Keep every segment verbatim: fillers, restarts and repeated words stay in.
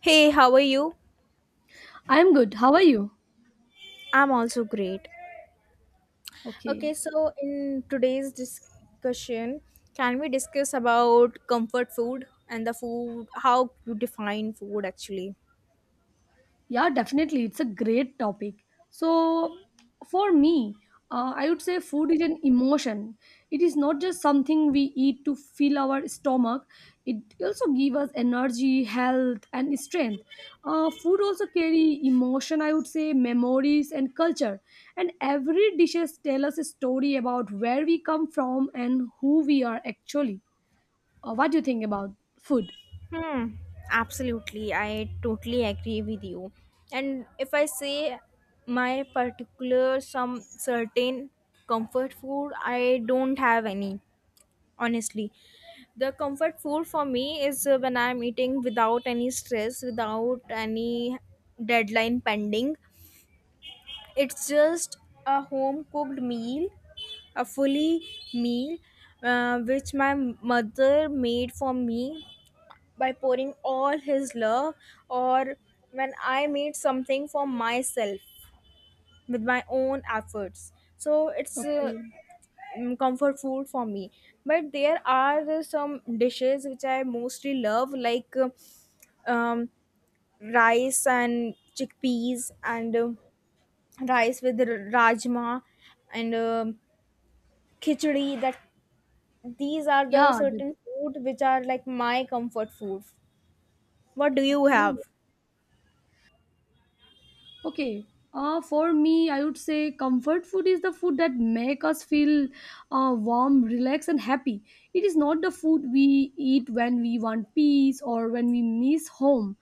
Hey, how are you? I'm good. How are you? I'm also great. Okay. Okay, so in today's discussion, can we discuss about comfort food and the food, how you define food actually? Yeah, definitely. It's a great topic. So, for me, uh, I would say food is an emotion. It is not just something we eat to fill our stomach, it also gives us energy, health, and strength. Uh, food also carry emotion, I would say, memories, and culture. And every dishes tell us a story about where we come from and who we are actually. Uh, what do you think about food? Hmm, absolutely. I totally agree with you. And if I say my particular, some certain comfort food, I don't have any, honestly. The comfort food for me is uh, when I'm eating without any stress, without any deadline pending. It's just a home cooked meal, a fully meal, uh, which my mother made for me by pouring all his love, or when I made something for myself with my own efforts. So it's uh, Okay. mm, comfort food for me. But there are some dishes which I mostly love, like. uh, um, rice and chickpeas and um rice with r- rajma and um khichdi that these are the Yeah, certain food which are like my comfort food. What do you okay. have? Okay. Uh, for me, I would say comfort food is the food that make us feel uh, warm, relaxed, and happy. It is not the food we eat when we want peace or when we miss home.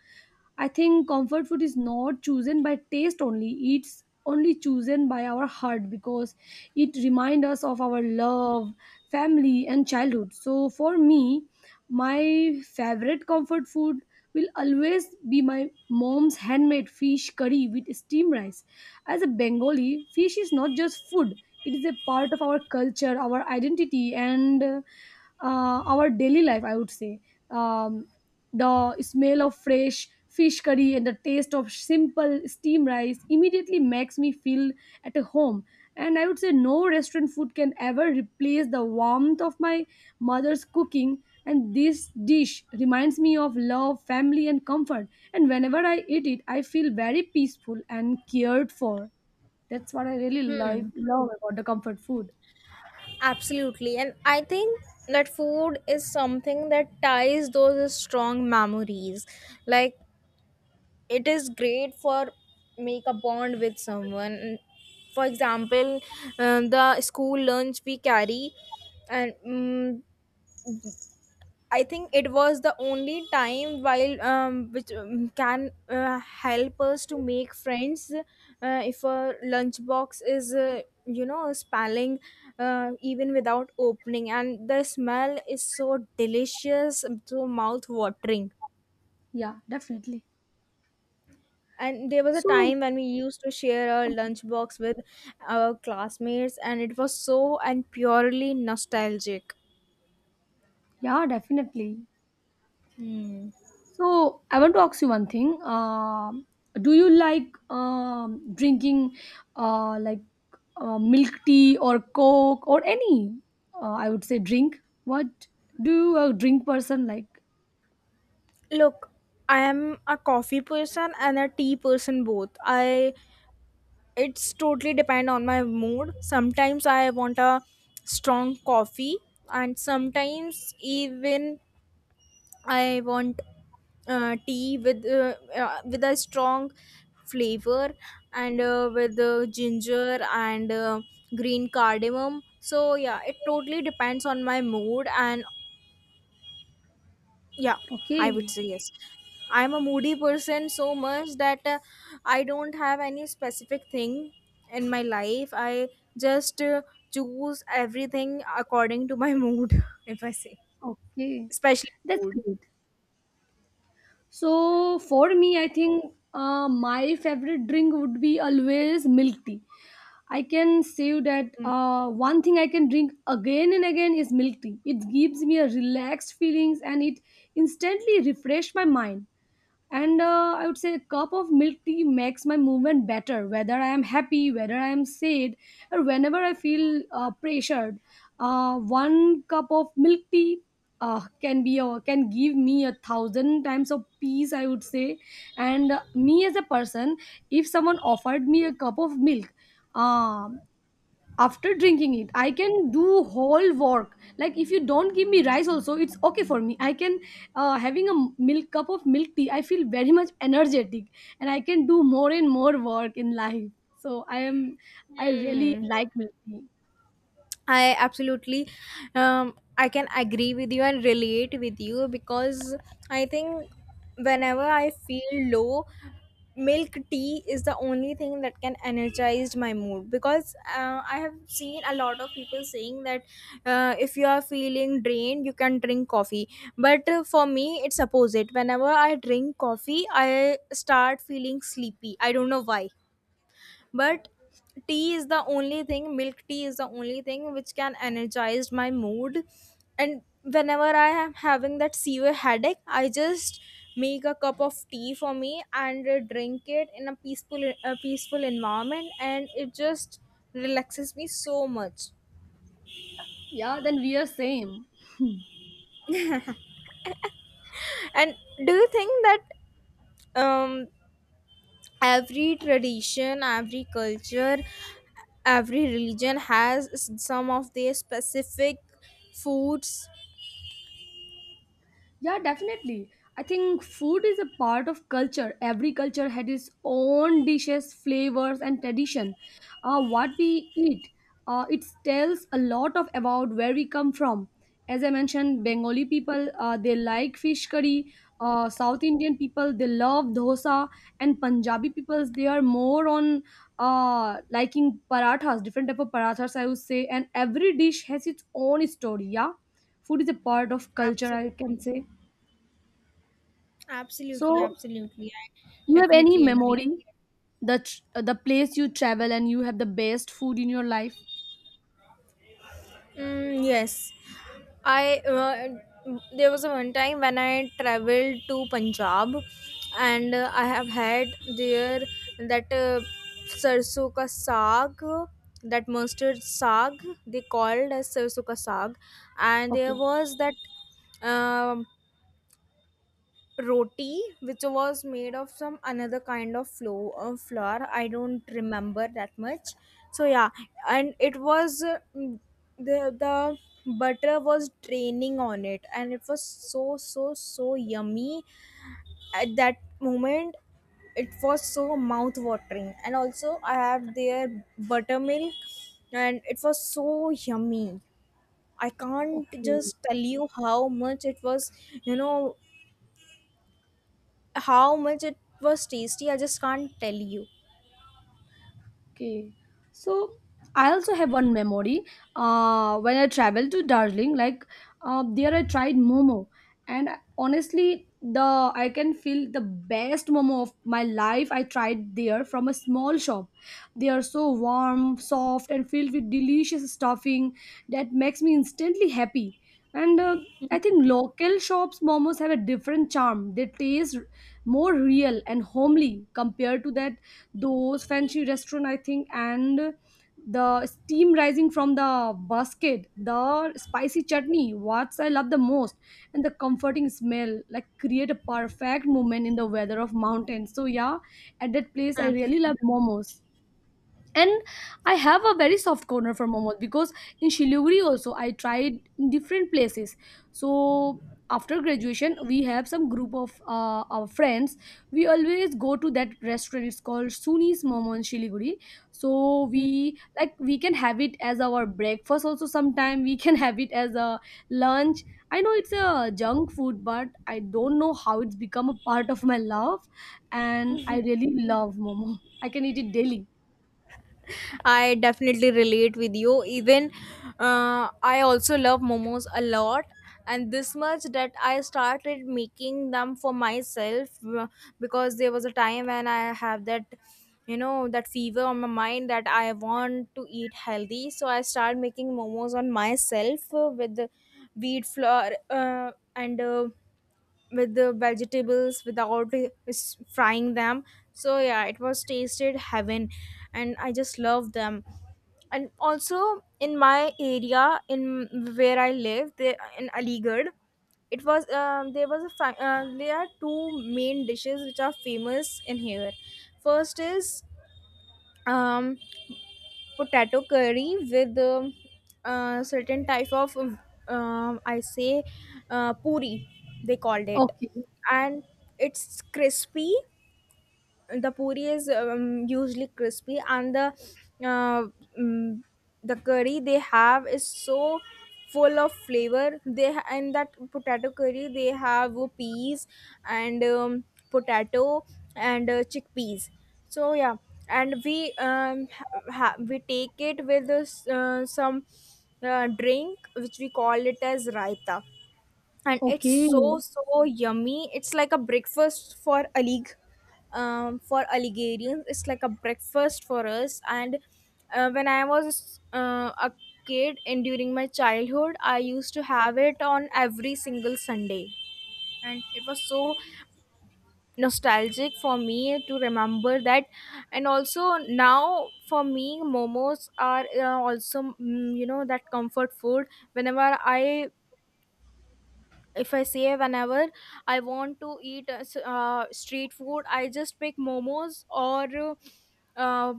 I think comfort food is not chosen by taste only. It's only chosen by our heart because it reminds us of our love, family, and childhood. So for me, my favorite comfort food will always be my mom's handmade fish curry with steamed rice. As a Bengali, fish is not just food. It is a part of our culture, our identity, and uh, our daily life, I would say. Um, the smell of fresh fish curry and the taste of simple steam rice immediately makes me feel at a home. And I would say no restaurant food can ever replace the warmth of my mother's cooking. And this dish reminds me of love, family, and comfort. And whenever I eat it, I feel very peaceful and cared for. That's what I really love, Hmm, love about the comfort food. absolutely. And I think that food is something that ties those strong memories, like it is great for make a bond with someone. For example, uh, the school lunch we carry, and mm I think it was the only time while um, which um, can uh, help us to make friends. Uh, if a lunchbox is uh, you know spelling, uh, even without opening, and the smell is so delicious, so mouth watering. Yeah, definitely. And there was a So, time when we used to share our okay. lunchbox with our classmates, and it was so and purely nostalgic. Yeah, definitely. So I want to ask you one thing. Um do you like um, drinking uh, like uh, milk tea or coke or any? Uh, I would say drink. What do you a drink person like? Look, i am a coffee person and a tea person both. I It's totally depend on my mood. Sometimes I want a strong coffee, and sometimes even I want uh, tea with uh, uh, with a strong flavor, and uh, with uh, ginger and uh, green cardamom. So yeah, it totally depends on my mood. And yeah, Okay, I would say yes, I'm a moody person so much that uh, I don't have any specific thing in my life. I just uh, choose everything according to my mood. If I say, okay, especially that's food. great. So for me, I think uh, my favorite drink would be always milk tea. I can say that uh, one thing I can drink again and again is milk tea. It gives me a relaxed feelings and it instantly refresh my mind, and uh, I would say a cup of milk tea makes my movement better, whether I am happy, whether I am sad, or whenever I feel uh, pressured. uh, one cup of milk tea uh, can be a, can give me a thousand times of peace, I would say. And uh, me as a person, if someone offered me a cup of milk, um after drinking it I can do whole work. Like, if you don't give me rice also, it's okay for me. I can, uh, having a milk cup of milk tea, I feel very much energetic, and I can do more and more work in life. So I am, I really Hmm. like milk tea. I absolutely, um, I can agree with you and relate with you, because I think whenever I feel low, milk tea is the only thing that can energize my mood, because uh, I have seen a lot of people saying that uh, if you are feeling drained, you can drink coffee. But uh, for me, it's opposite. Whenever I drink coffee, I start feeling sleepy. I don't know why, but tea is the only thing, milk tea is the only thing which can energize my mood. And whenever I am having that severe headache, I just make a cup of tea for me and uh, drink it in a peaceful a peaceful environment, and it just relaxes me so much. Yeah, then we are same. And do you think that um every tradition, every culture, every religion has s- some of their specific foods? Yeah, definitely. I think food is a part of culture. Every culture had its own dishes, flavors, and tradition. Uh, what we eat, uh, it tells a lot of about where we come from. As I mentioned, Bengali people, uh, they like fish curry. Uh, South Indian people, they love dosa, and Punjabi peoples, they are more on uh, liking parathas, different type of parathas, I would say. And every dish has its own story. Yeah, food is a part of culture, I can Absolutely. say. Absolutely. So, Absolutely. you I have any definitely agree. memory that the place you travel and you have the best food in your life? Mm, yes. I uh, there was a one time when I traveled to Punjab, and uh, I have had there that uh, sarso ka saag, that mustard saag they called as sarso ka saag, and there Okay. was that um roti which was made of some another kind of flour, uh, flour. I don't remember that much. So yeah, and it was uh, mm, the the butter was draining on it, and it was so so so yummy. At that moment, it was so mouth watering, and also I have their buttermilk, and it was so yummy. I can't Okay. just tell you how much it was, you know, how much it was tasty. I just can't tell you. Okay, so I also have one memory. Uh, when I traveled to Darjeeling, like, uh, there I tried momo, and honestly, the I can feel the best momo of my life. I tried there from a small shop. They are so warm, soft, and filled with delicious stuffing that makes me instantly happy. And uh, I think local shops momos have a different charm. They taste more real and homely compared to that, those fancy restaurant, I think. And the steam rising from the basket, the spicy chutney, what I love the most, and the comforting smell, like, create a perfect moment in the weather of mountains. So yeah, at that place I Abs- really love momos. And I have a very soft corner for momos, because in Shiliguri also I tried different places. So after graduation, we have some group of uh, our friends, we always go to that restaurant, it's called Suni's Momo in Shiliguri. So we, like, we can have it as our breakfast, also sometime we can have it as a lunch. I know it's a junk food, but I don't know how it's become a part of my love, and I really love momo. I can eat it daily. I definitely relate with you. Even uh, I also love momos a lot, and this much that I started making them for myself, uh, because there was a time when I have that, you know, that fever on my mind that I want to eat healthy. So I started making momos on myself uh, with the wheat flour, uh, and uh, with the vegetables without uh, s- frying them. So yeah, it was tasted heaven, and I just love them. And also in my area, in where I live, they, in Aligarh, it was um, there was a fa- uh, there are two main dishes which are famous in here. First is um potato curry with um, uh, certain type of um, uh, I say uh, puri they called it. Okay. And it's crispy. The puri is um, usually crispy, and the uh, mm, the curry they have is so full of flavor. They ha- in that potato curry, they have peas and um, potato and uh, chickpeas. So yeah, and we um, ha- we take it with uh, some uh, drink which we call it as raita, and it's Okay. so so yummy. It's like a breakfast for a league, um, for Algerians. It's like a breakfast for us. And uh, when I was uh, a kid and during my childhood, I used to have it on every single Sunday. And it was so nostalgic for me to remember that. And also now for me, momos are uh, also, mm, you know, that comfort food. Whenever I if I say whenever I want to eat uh, s- uh, street food, I just pick momos or uh,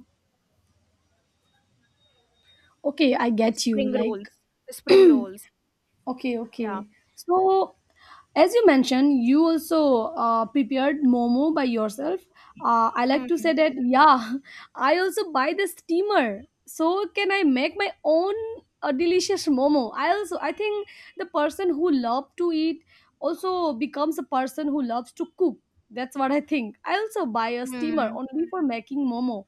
Okay, I get you. spring Like, rolls. Spring rolls. okay, Yeah. okay. So, as you mentioned, you also uh, prepared momo by yourself. Uh, I like Hmm. to say that, yeah, I also buy the steamer. So, can I make my own uh, delicious momo? I also, I think the person who loves to eat also becomes a person who loves to cook. That's what I think. I also buy a steamer Hmm. only for making momo.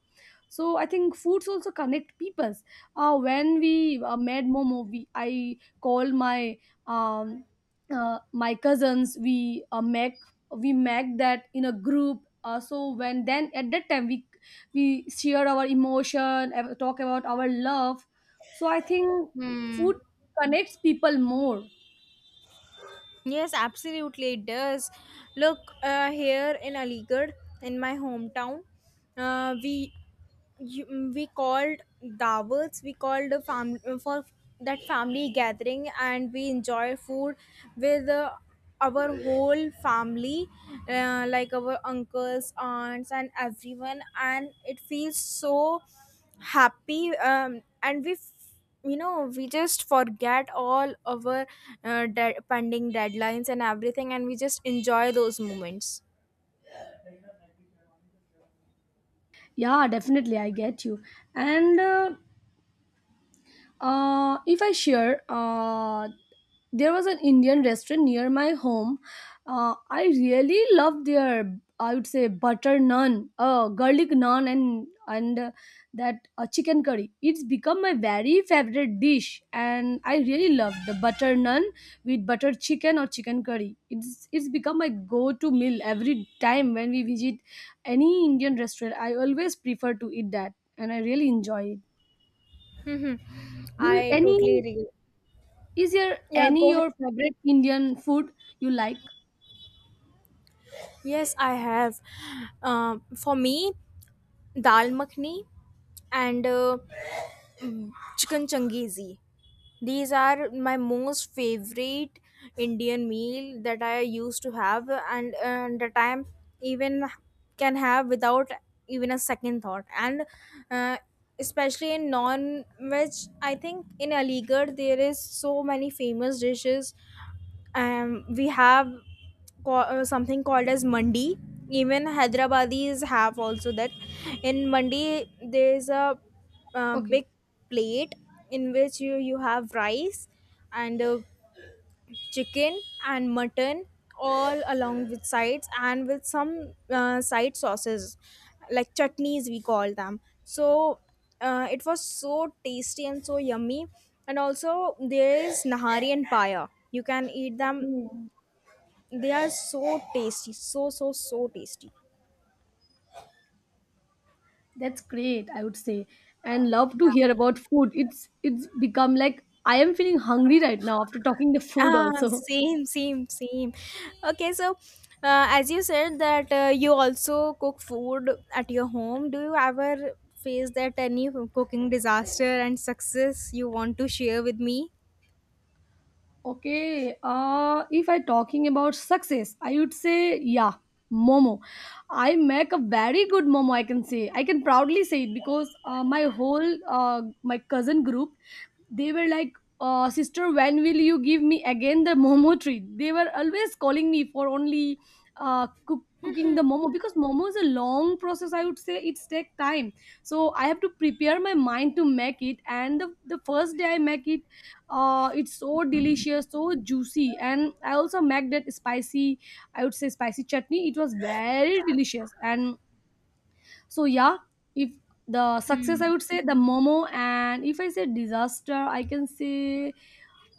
So I think foods also connect peoples. Uh, when we uh, made momo, we I call my um uh, my cousins, we uh, make we make that in a group, uh, so when then at that time we we share our emotion, uh, talk about our love. So I think Hmm. food connects people more. Yes, absolutely, it does. Look, uh, here in Aligarh, in my hometown, uh, we you, mm, we called dawats, we called a fam- for that family gathering, and we enjoy food with uh, our whole family, uh, like our uncles, aunts, and everyone, and it feels so happy. Um, and we f- you know, we just forget all our uh, de- pending deadlines and everything, and we just enjoy those moments. Yeah, definitely, I get you. And uh, Uh, if I share, uh, there was an Indian restaurant near my home. Uh, I really loved their, I would say, butter naan, uh, garlic naan, and and uh, that uh, chicken curry. It's become my very favorite dish, and I really love the butter naan with butter chicken or chicken curry. It's it's become my go-to meal every time when we visit any Indian restaurant. I always prefer to eat that, and I really enjoy it. Mhm. Do you, I any totally agree. is there Yeah, any go ahead. your favorite Indian food you like? Yes, I have. Um, for me, dal makhni and uh, chicken changizi. These are my most favorite Indian meal that I used to have, and and that I even can have without even a second thought. And uh, especially in non-veg, I think in Aligarh there is so many famous dishes. Um, we have co- uh, something called as mandi. Even hyderabadis have also that. In mandi, there's a uh, Okay. big plate in which you, you have rice and uh, chicken and mutton, all along with sides and with some uh, side sauces like chutneys, we call them. So uh, it was so tasty and so yummy. And also there is nahari and paya, you can eat them. Okay. They are so tasty, so so so tasty. That's great, I would say. And love to Yeah. hear about food. It's it's become like I am feeling hungry right now after talking the food Ah, also. same, same, same. Okay, so uh, as you said that uh, you also cook food at your home, do you ever face that any cooking disaster and success you want to share with me? Okay, uh, if I talking about success, I would say yeah, momo. I make a very good momo, I can say. I can proudly say it because uh, my whole, uh, my cousin group, they were like, uh, sister, when will you give me again the momo treat? They were always calling me for only uh, cook, cooking the momo, because momo is a long process, I would say. It's take time, so I have to prepare my mind to make it. And the, the first day I make it, uh it's so delicious, so juicy. And I also make that spicy, I would say, spicy chutney. It was very delicious. And so yeah, if the success, I would say the momo, and if I say disaster, I can say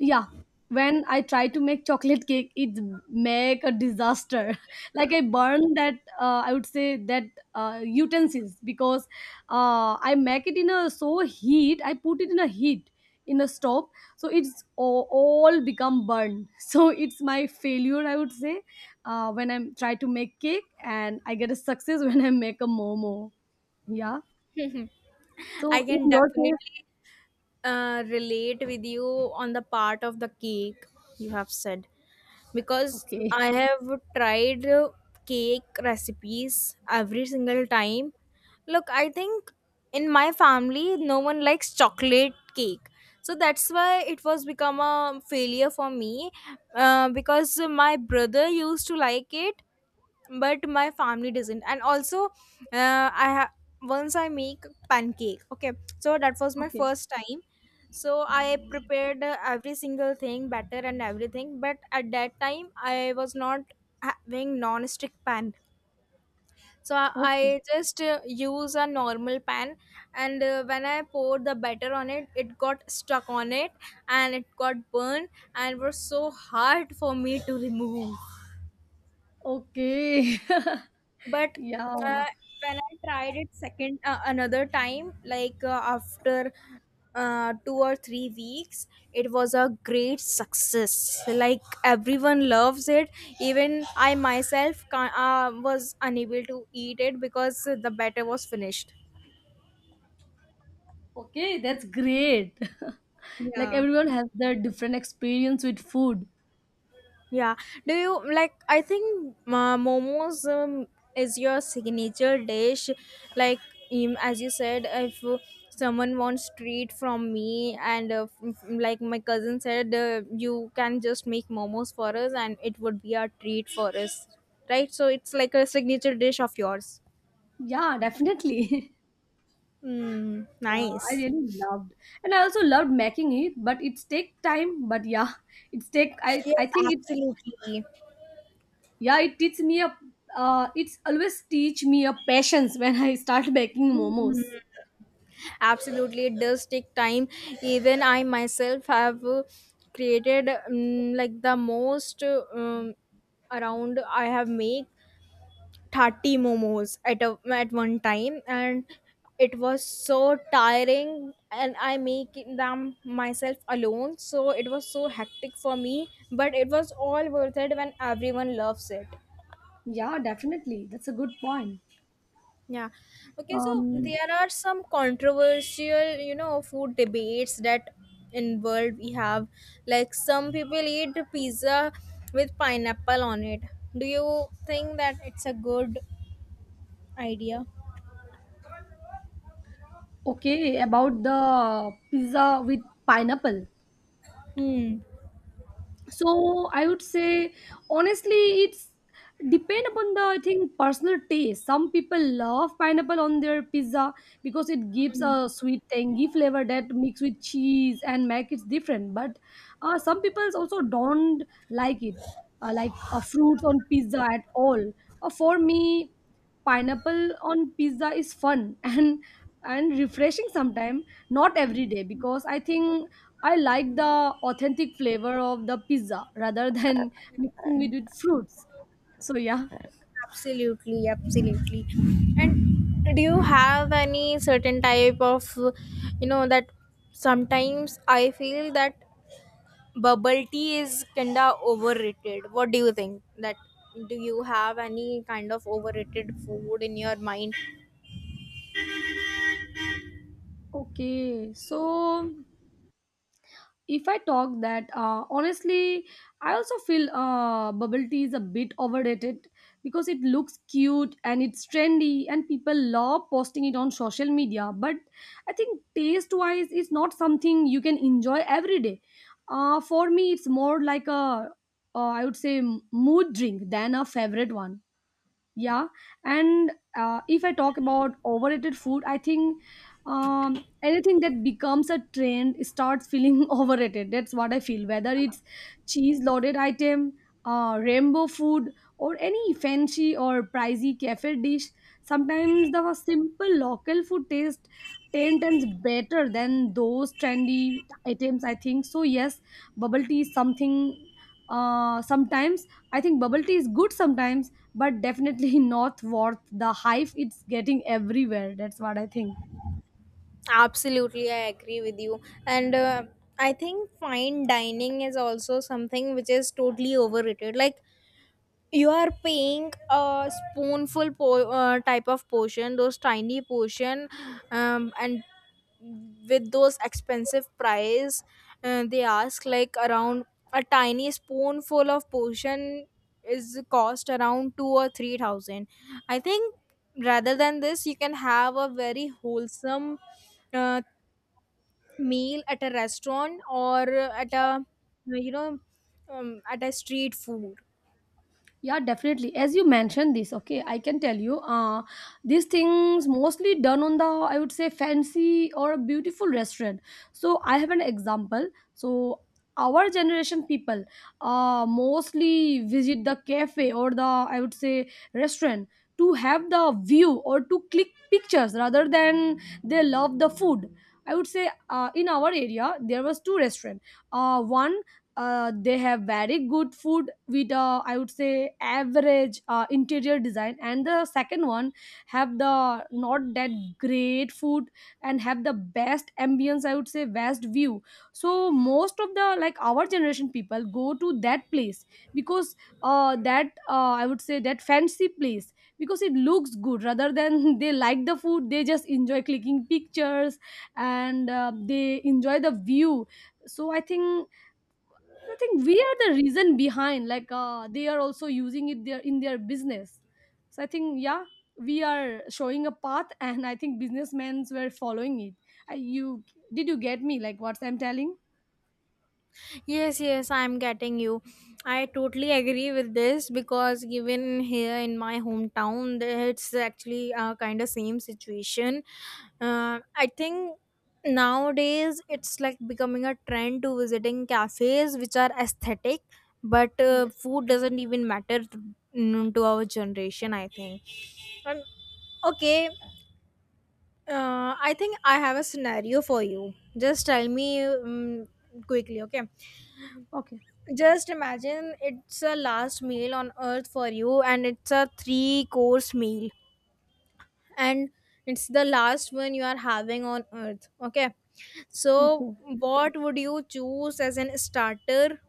yeah, when I try to make chocolate cake, it make a disaster. Like, I burn that, uh, I would say that uh, utensils, because uh, I make it in a so heat. I put it in a heat, in a stove, so it's all, all become burned. So it's my failure, I would say, uh, when I try to make cake, and I get a success when I make a momo. Yeah. So I in can your case, definitely uh, relate with you on the part of the cake you have said, because okay, I have tried uh, cake recipes every single time. Look, I think in my family no one likes chocolate cake. So that's why it was become a failure for me, uh, because my brother used to like it but my family doesn't. And also uh, i ha- once I make pancake, okay? So that was my okay, first time. So I prepared uh, every single thing, batter and everything, but at that time I was not having non-stick pan. So i, okay, I just uh, use a normal pan, and uh, when I poured the batter on it, it got stuck on it, and it got burned, and was so hard for me to remove. okay. But yeah. uh, when I tried it second, uh, another time, like uh, after uh, two or three weeks, it was a great success, like everyone loves it. Even I myself can uh, was unable to eat it because the batter was finished. Okay, that's great. like Yeah. everyone has their different experience with food. Yeah. Do you like? I think uh, momos, um, is your signature dish. Like, um, as you said, if someone wants treat from me, and uh, f- f- like my cousin said, uh, you can just make momos for us, and it would be a treat for us, right? So it's like a signature dish of yours. Yeah, definitely. Mm, yeah, I nice. really loved, and I also loved making it, but it's take time. But yeah, it's take. I Yes, I think it. absolutely. Yeah, it teaches me a. Uh, it's always teach me a patience when I start making momos. Absolutely, it does take time. Even I myself have uh, created, um, like the most uh, um, around I have made thirty momos at a, at one time, and it was so tiring, and I make them myself alone, so it was so hectic for me, but it was all worth it when everyone loves it. Yeah, definitely. That's a good point. Yeah. Okay, so Um. there are some controversial, you know, food debates that in world we have. Like some people eat pizza with pineapple on it. Do you think that it's a good idea? Okay, about the pizza with pineapple. Hmm. So I would say honestly, it's depend upon the, I think, personal taste. Some people love pineapple on their pizza because it gives a sweet tangy flavor that mixed with cheese and make it different. But uh, some people also don't like it, uh, like uh, fruits on pizza at all. uh, for me, pineapple on pizza is fun and and refreshing sometime, not every day, because I think I like the authentic flavor of the pizza rather than mixing it with fruits. So yeah. Absolutely, absolutely. And do you have any certain type of, you know, that sometimes I feel that bubble tea is kinda overrated. What do you think? That do you have any kind of overrated food in your mind? Okay, so if I talk that, uh, honestly, I also feel uh, bubble tea is a bit overrated, because it looks cute and it's trendy, and people love posting it on social media. But I think taste wise, it's not something you can enjoy every day. Uh, for me, it's more like a uh, I would say m- mood drink than a favorite one yeah and uh, if I talk about overrated food, I think um, anything that becomes a trend starts feeling overrated. That's what I feel, whether it's cheese loaded item, uh, rainbow food, or any fancy or pricey cafe dish. Sometimes the simple local food taste ten times better than those trendy items, I think. So yes, bubble tea is something uh sometimes. I think bubble tea is good sometimes, but definitely not worth the hype it's getting everywhere. That's what I think. Absolutely, I agree with you. And uh, I think fine dining is also something which is totally overrated. Like you are paying a spoonful po- uh, type of portion, those tiny portion, um, and with those expensive price, uh, they ask like around a tiny spoonful of portion is cost around two or three thousand, I think. Rather than this, you can have a very wholesome uh, meal at a restaurant or at a you know um, at a street food. Yeah, definitely, as you mentioned this. Okay, I can tell you, uh these things mostly done on the, I would say, fancy or beautiful restaurant. So I have an example. So our generation people uh mostly visit the cafe or the, I would say, restaurant to have the view or to click pictures rather than they love the food. I would say, uh, in our area there was two restaurant. Uh, one, uh, they have very good food with, uh, I would say, average uh, interior design, and the second one have the not that great food and have the best ambience, I would say best view. So most of the, like, our generation people go to that place because uh, that uh, I would say that fancy place, because it looks good rather than they like the food. They just enjoy clicking pictures and uh, they enjoy the view. So i think I think we are the reason behind. Like uh, they are also using it there in their business. So I think, yeah, we are showing a path, and I think businessmen were following it. I, you Did you get me? Like what I'm telling? Yes, yes, I'm getting you. I totally agree with this because even here in my hometown, there- it's actually uh, kind of same situation. Uh, I think nowadays it's like becoming a trend to visiting cafes which are aesthetic, but uh, Yes. food doesn't even matter to, mm, to our generation, I think. And okay, uh, I think I have a scenario for you. Just tell me um, quickly, okay? Okay. Just imagine it's a last meal on earth for you, and it's a three course meal, and it's the last one you are having on earth. Okay, so Okay. what would you choose as an starter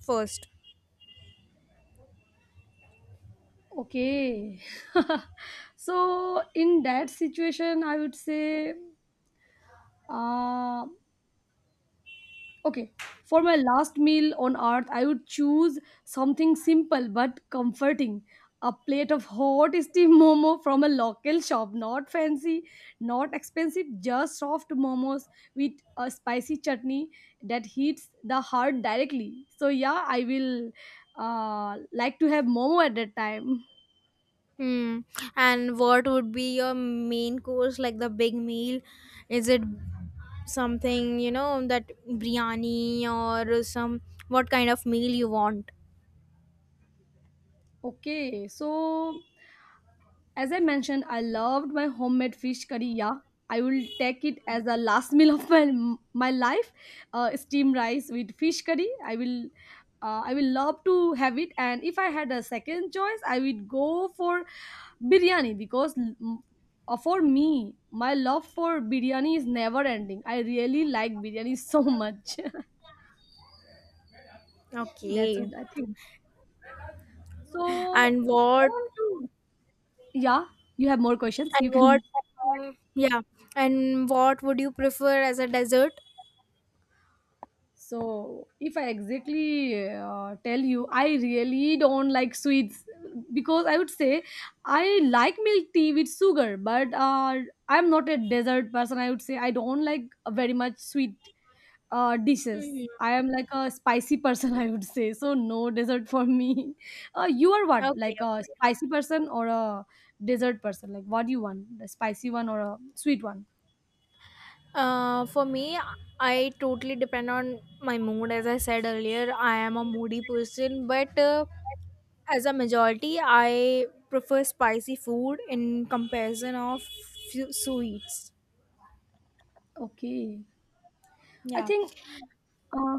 first? Okay. So in that situation, I would say. Uh, Okay. For my last meal on earth, I would choose something simple but comforting. A plate of hot steamed momo from a local shop. Not fancy, not expensive, just soft momos with a spicy chutney that hits the heart directly. So, yeah, I will uh, like to have momo at that time. Hmm. And what would be your main course, like the big meal? Is it something you know that biryani or some what kind of meal you want? Okay, so as I mentioned, I loved my homemade fish curry. Yeah, I will take it as a last meal of my my life. Uh, steamed rice with fish curry. I will. Uh, I will love to have it, and if I had a second choice, I would go for biryani because mm, uh, for me, my love for biryani is never ending. I really like biryani so much. That's Okay. what I think. So, And I what want to- yeah, you have more questions. You And what? can. Uh, Yeah. And what would you prefer as a dessert? So if I exactly uh, tell you, I really don't like sweets because I would say I like milk tea with sugar, but uh, I'm not a dessert person. I would say I don't like very much sweet uh, dishes. Hmm, I am like a spicy person, I would say. So no dessert for me. Uh, you are what? Like a okay. spicy person or a dessert person? Like what do you want? The spicy one or a sweet one? Uh, for me, I totally depend on my mood. As I said earlier, I am a moody person, but uh, as a majority, I prefer spicy food in comparison of few sweets. Okay. I Yeah. think uh,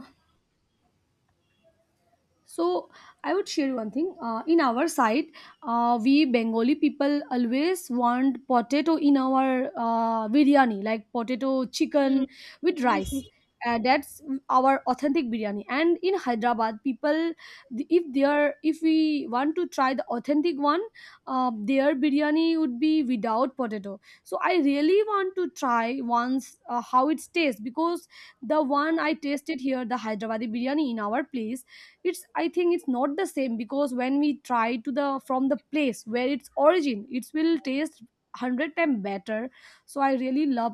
So I would share one thing. Uh, in our side, uh, we Bengali people always want potato in our uh, biryani, like potato Hmm. chicken with rice. Uh, that's our authentic biryani. And in Hyderabad, people, th- if they are, if we want to try the authentic one, uh, their biryani would be without potato. So I really want to try once uh, how it tastes, because the one I tasted here, the Hyderabadi biryani in our place, it's, I think it's not the same, because when we try to the from the place where its origin, it will taste one hundred times better. So I really love,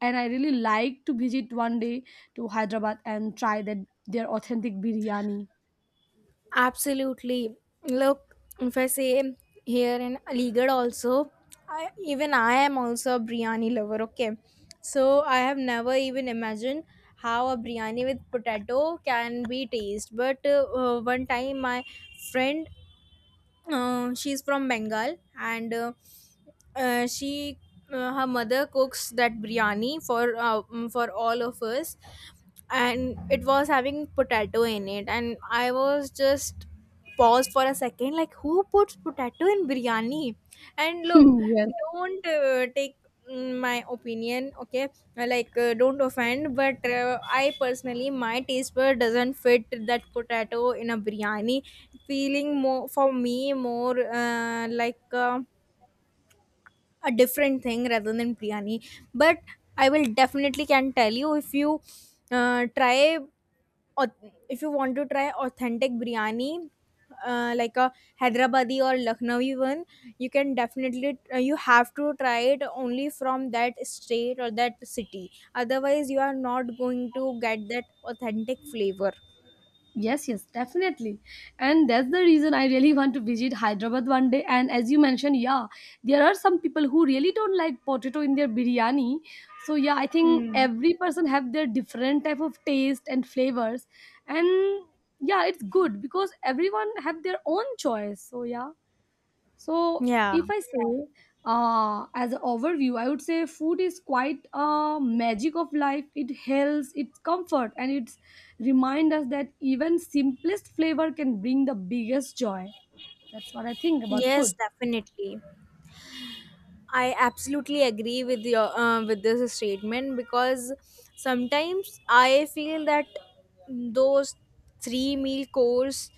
and I really like to visit one day to Hyderabad and try that their authentic biryani. Absolutely. Look, if I say here in Aligarh also, I, even I am also a biryani lover. Okay, so I have never even imagined how a biryani with potato can be taste. But uh, uh, one time, my friend, uh, she's from Bengal, and uh, uh, she uh, her mother cooks that biryani for uh, mm, for all of us, and it was having potato in it, and I was just paused for a second, like, who puts potato in biryani? And look, Yes. don't, uh, take, mm, my opinion, okay. Uh, like, uh, don't offend, but uh, I personally, my taste bud doesn't fit that potato in a biryani. Feeling more for me more, uh, like, uh, a different thing rather than biryani. But I will definitely can tell you, if you uh, try, or if you want to try authentic biryani, uh, like a Hyderabadi or Lucknowi one, you can definitely, uh, you have to try it only from that state or that city, otherwise you are not going to get that authentic flavor. Yes, yes, definitely. And that's the reason I really want to visit Hyderabad one day. And as you mentioned, yeah, there are some people who really don't like potato in their biryani. So yeah, I think Hmm. every person have their different type of taste and flavors. And yeah, it's good because everyone have their own choice. So yeah. So Yeah. if I say, uh, as an overview, I would say food is quite a magic of life. It heals, it's comfort, and it's remind us that even simplest flavor can bring the biggest joy. That's what I think about Yes, food. definitely. I absolutely agree with your uh, with this statement, because sometimes I feel that those three meal course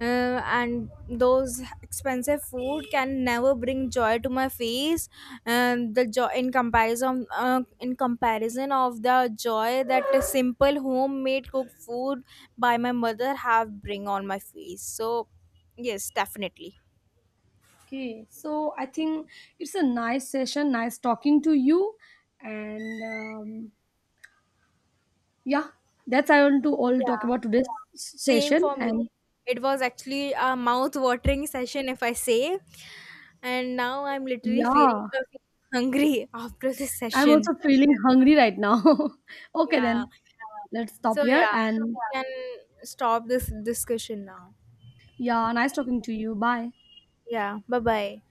uh, and those expensive food can never bring joy to my face, and the joy in comparison uh, in comparison of the joy that a simple homemade cooked food by my mother have bring on my face. So yes, definitely. Okay, so I think it's a nice session, nice talking to you, and um, yeah, that's I want to all talk Yeah. about today's Same session. for me. And It was actually a mouth-watering session, if I say, and now I'm literally feeling yeah, hungry after this I'm session. also feeling hungry right now. Okay, Yeah. then let's stop So here. yeah, And we can stop this discussion now. yeah, nice talking to you. Bye. Yeah. Bye bye.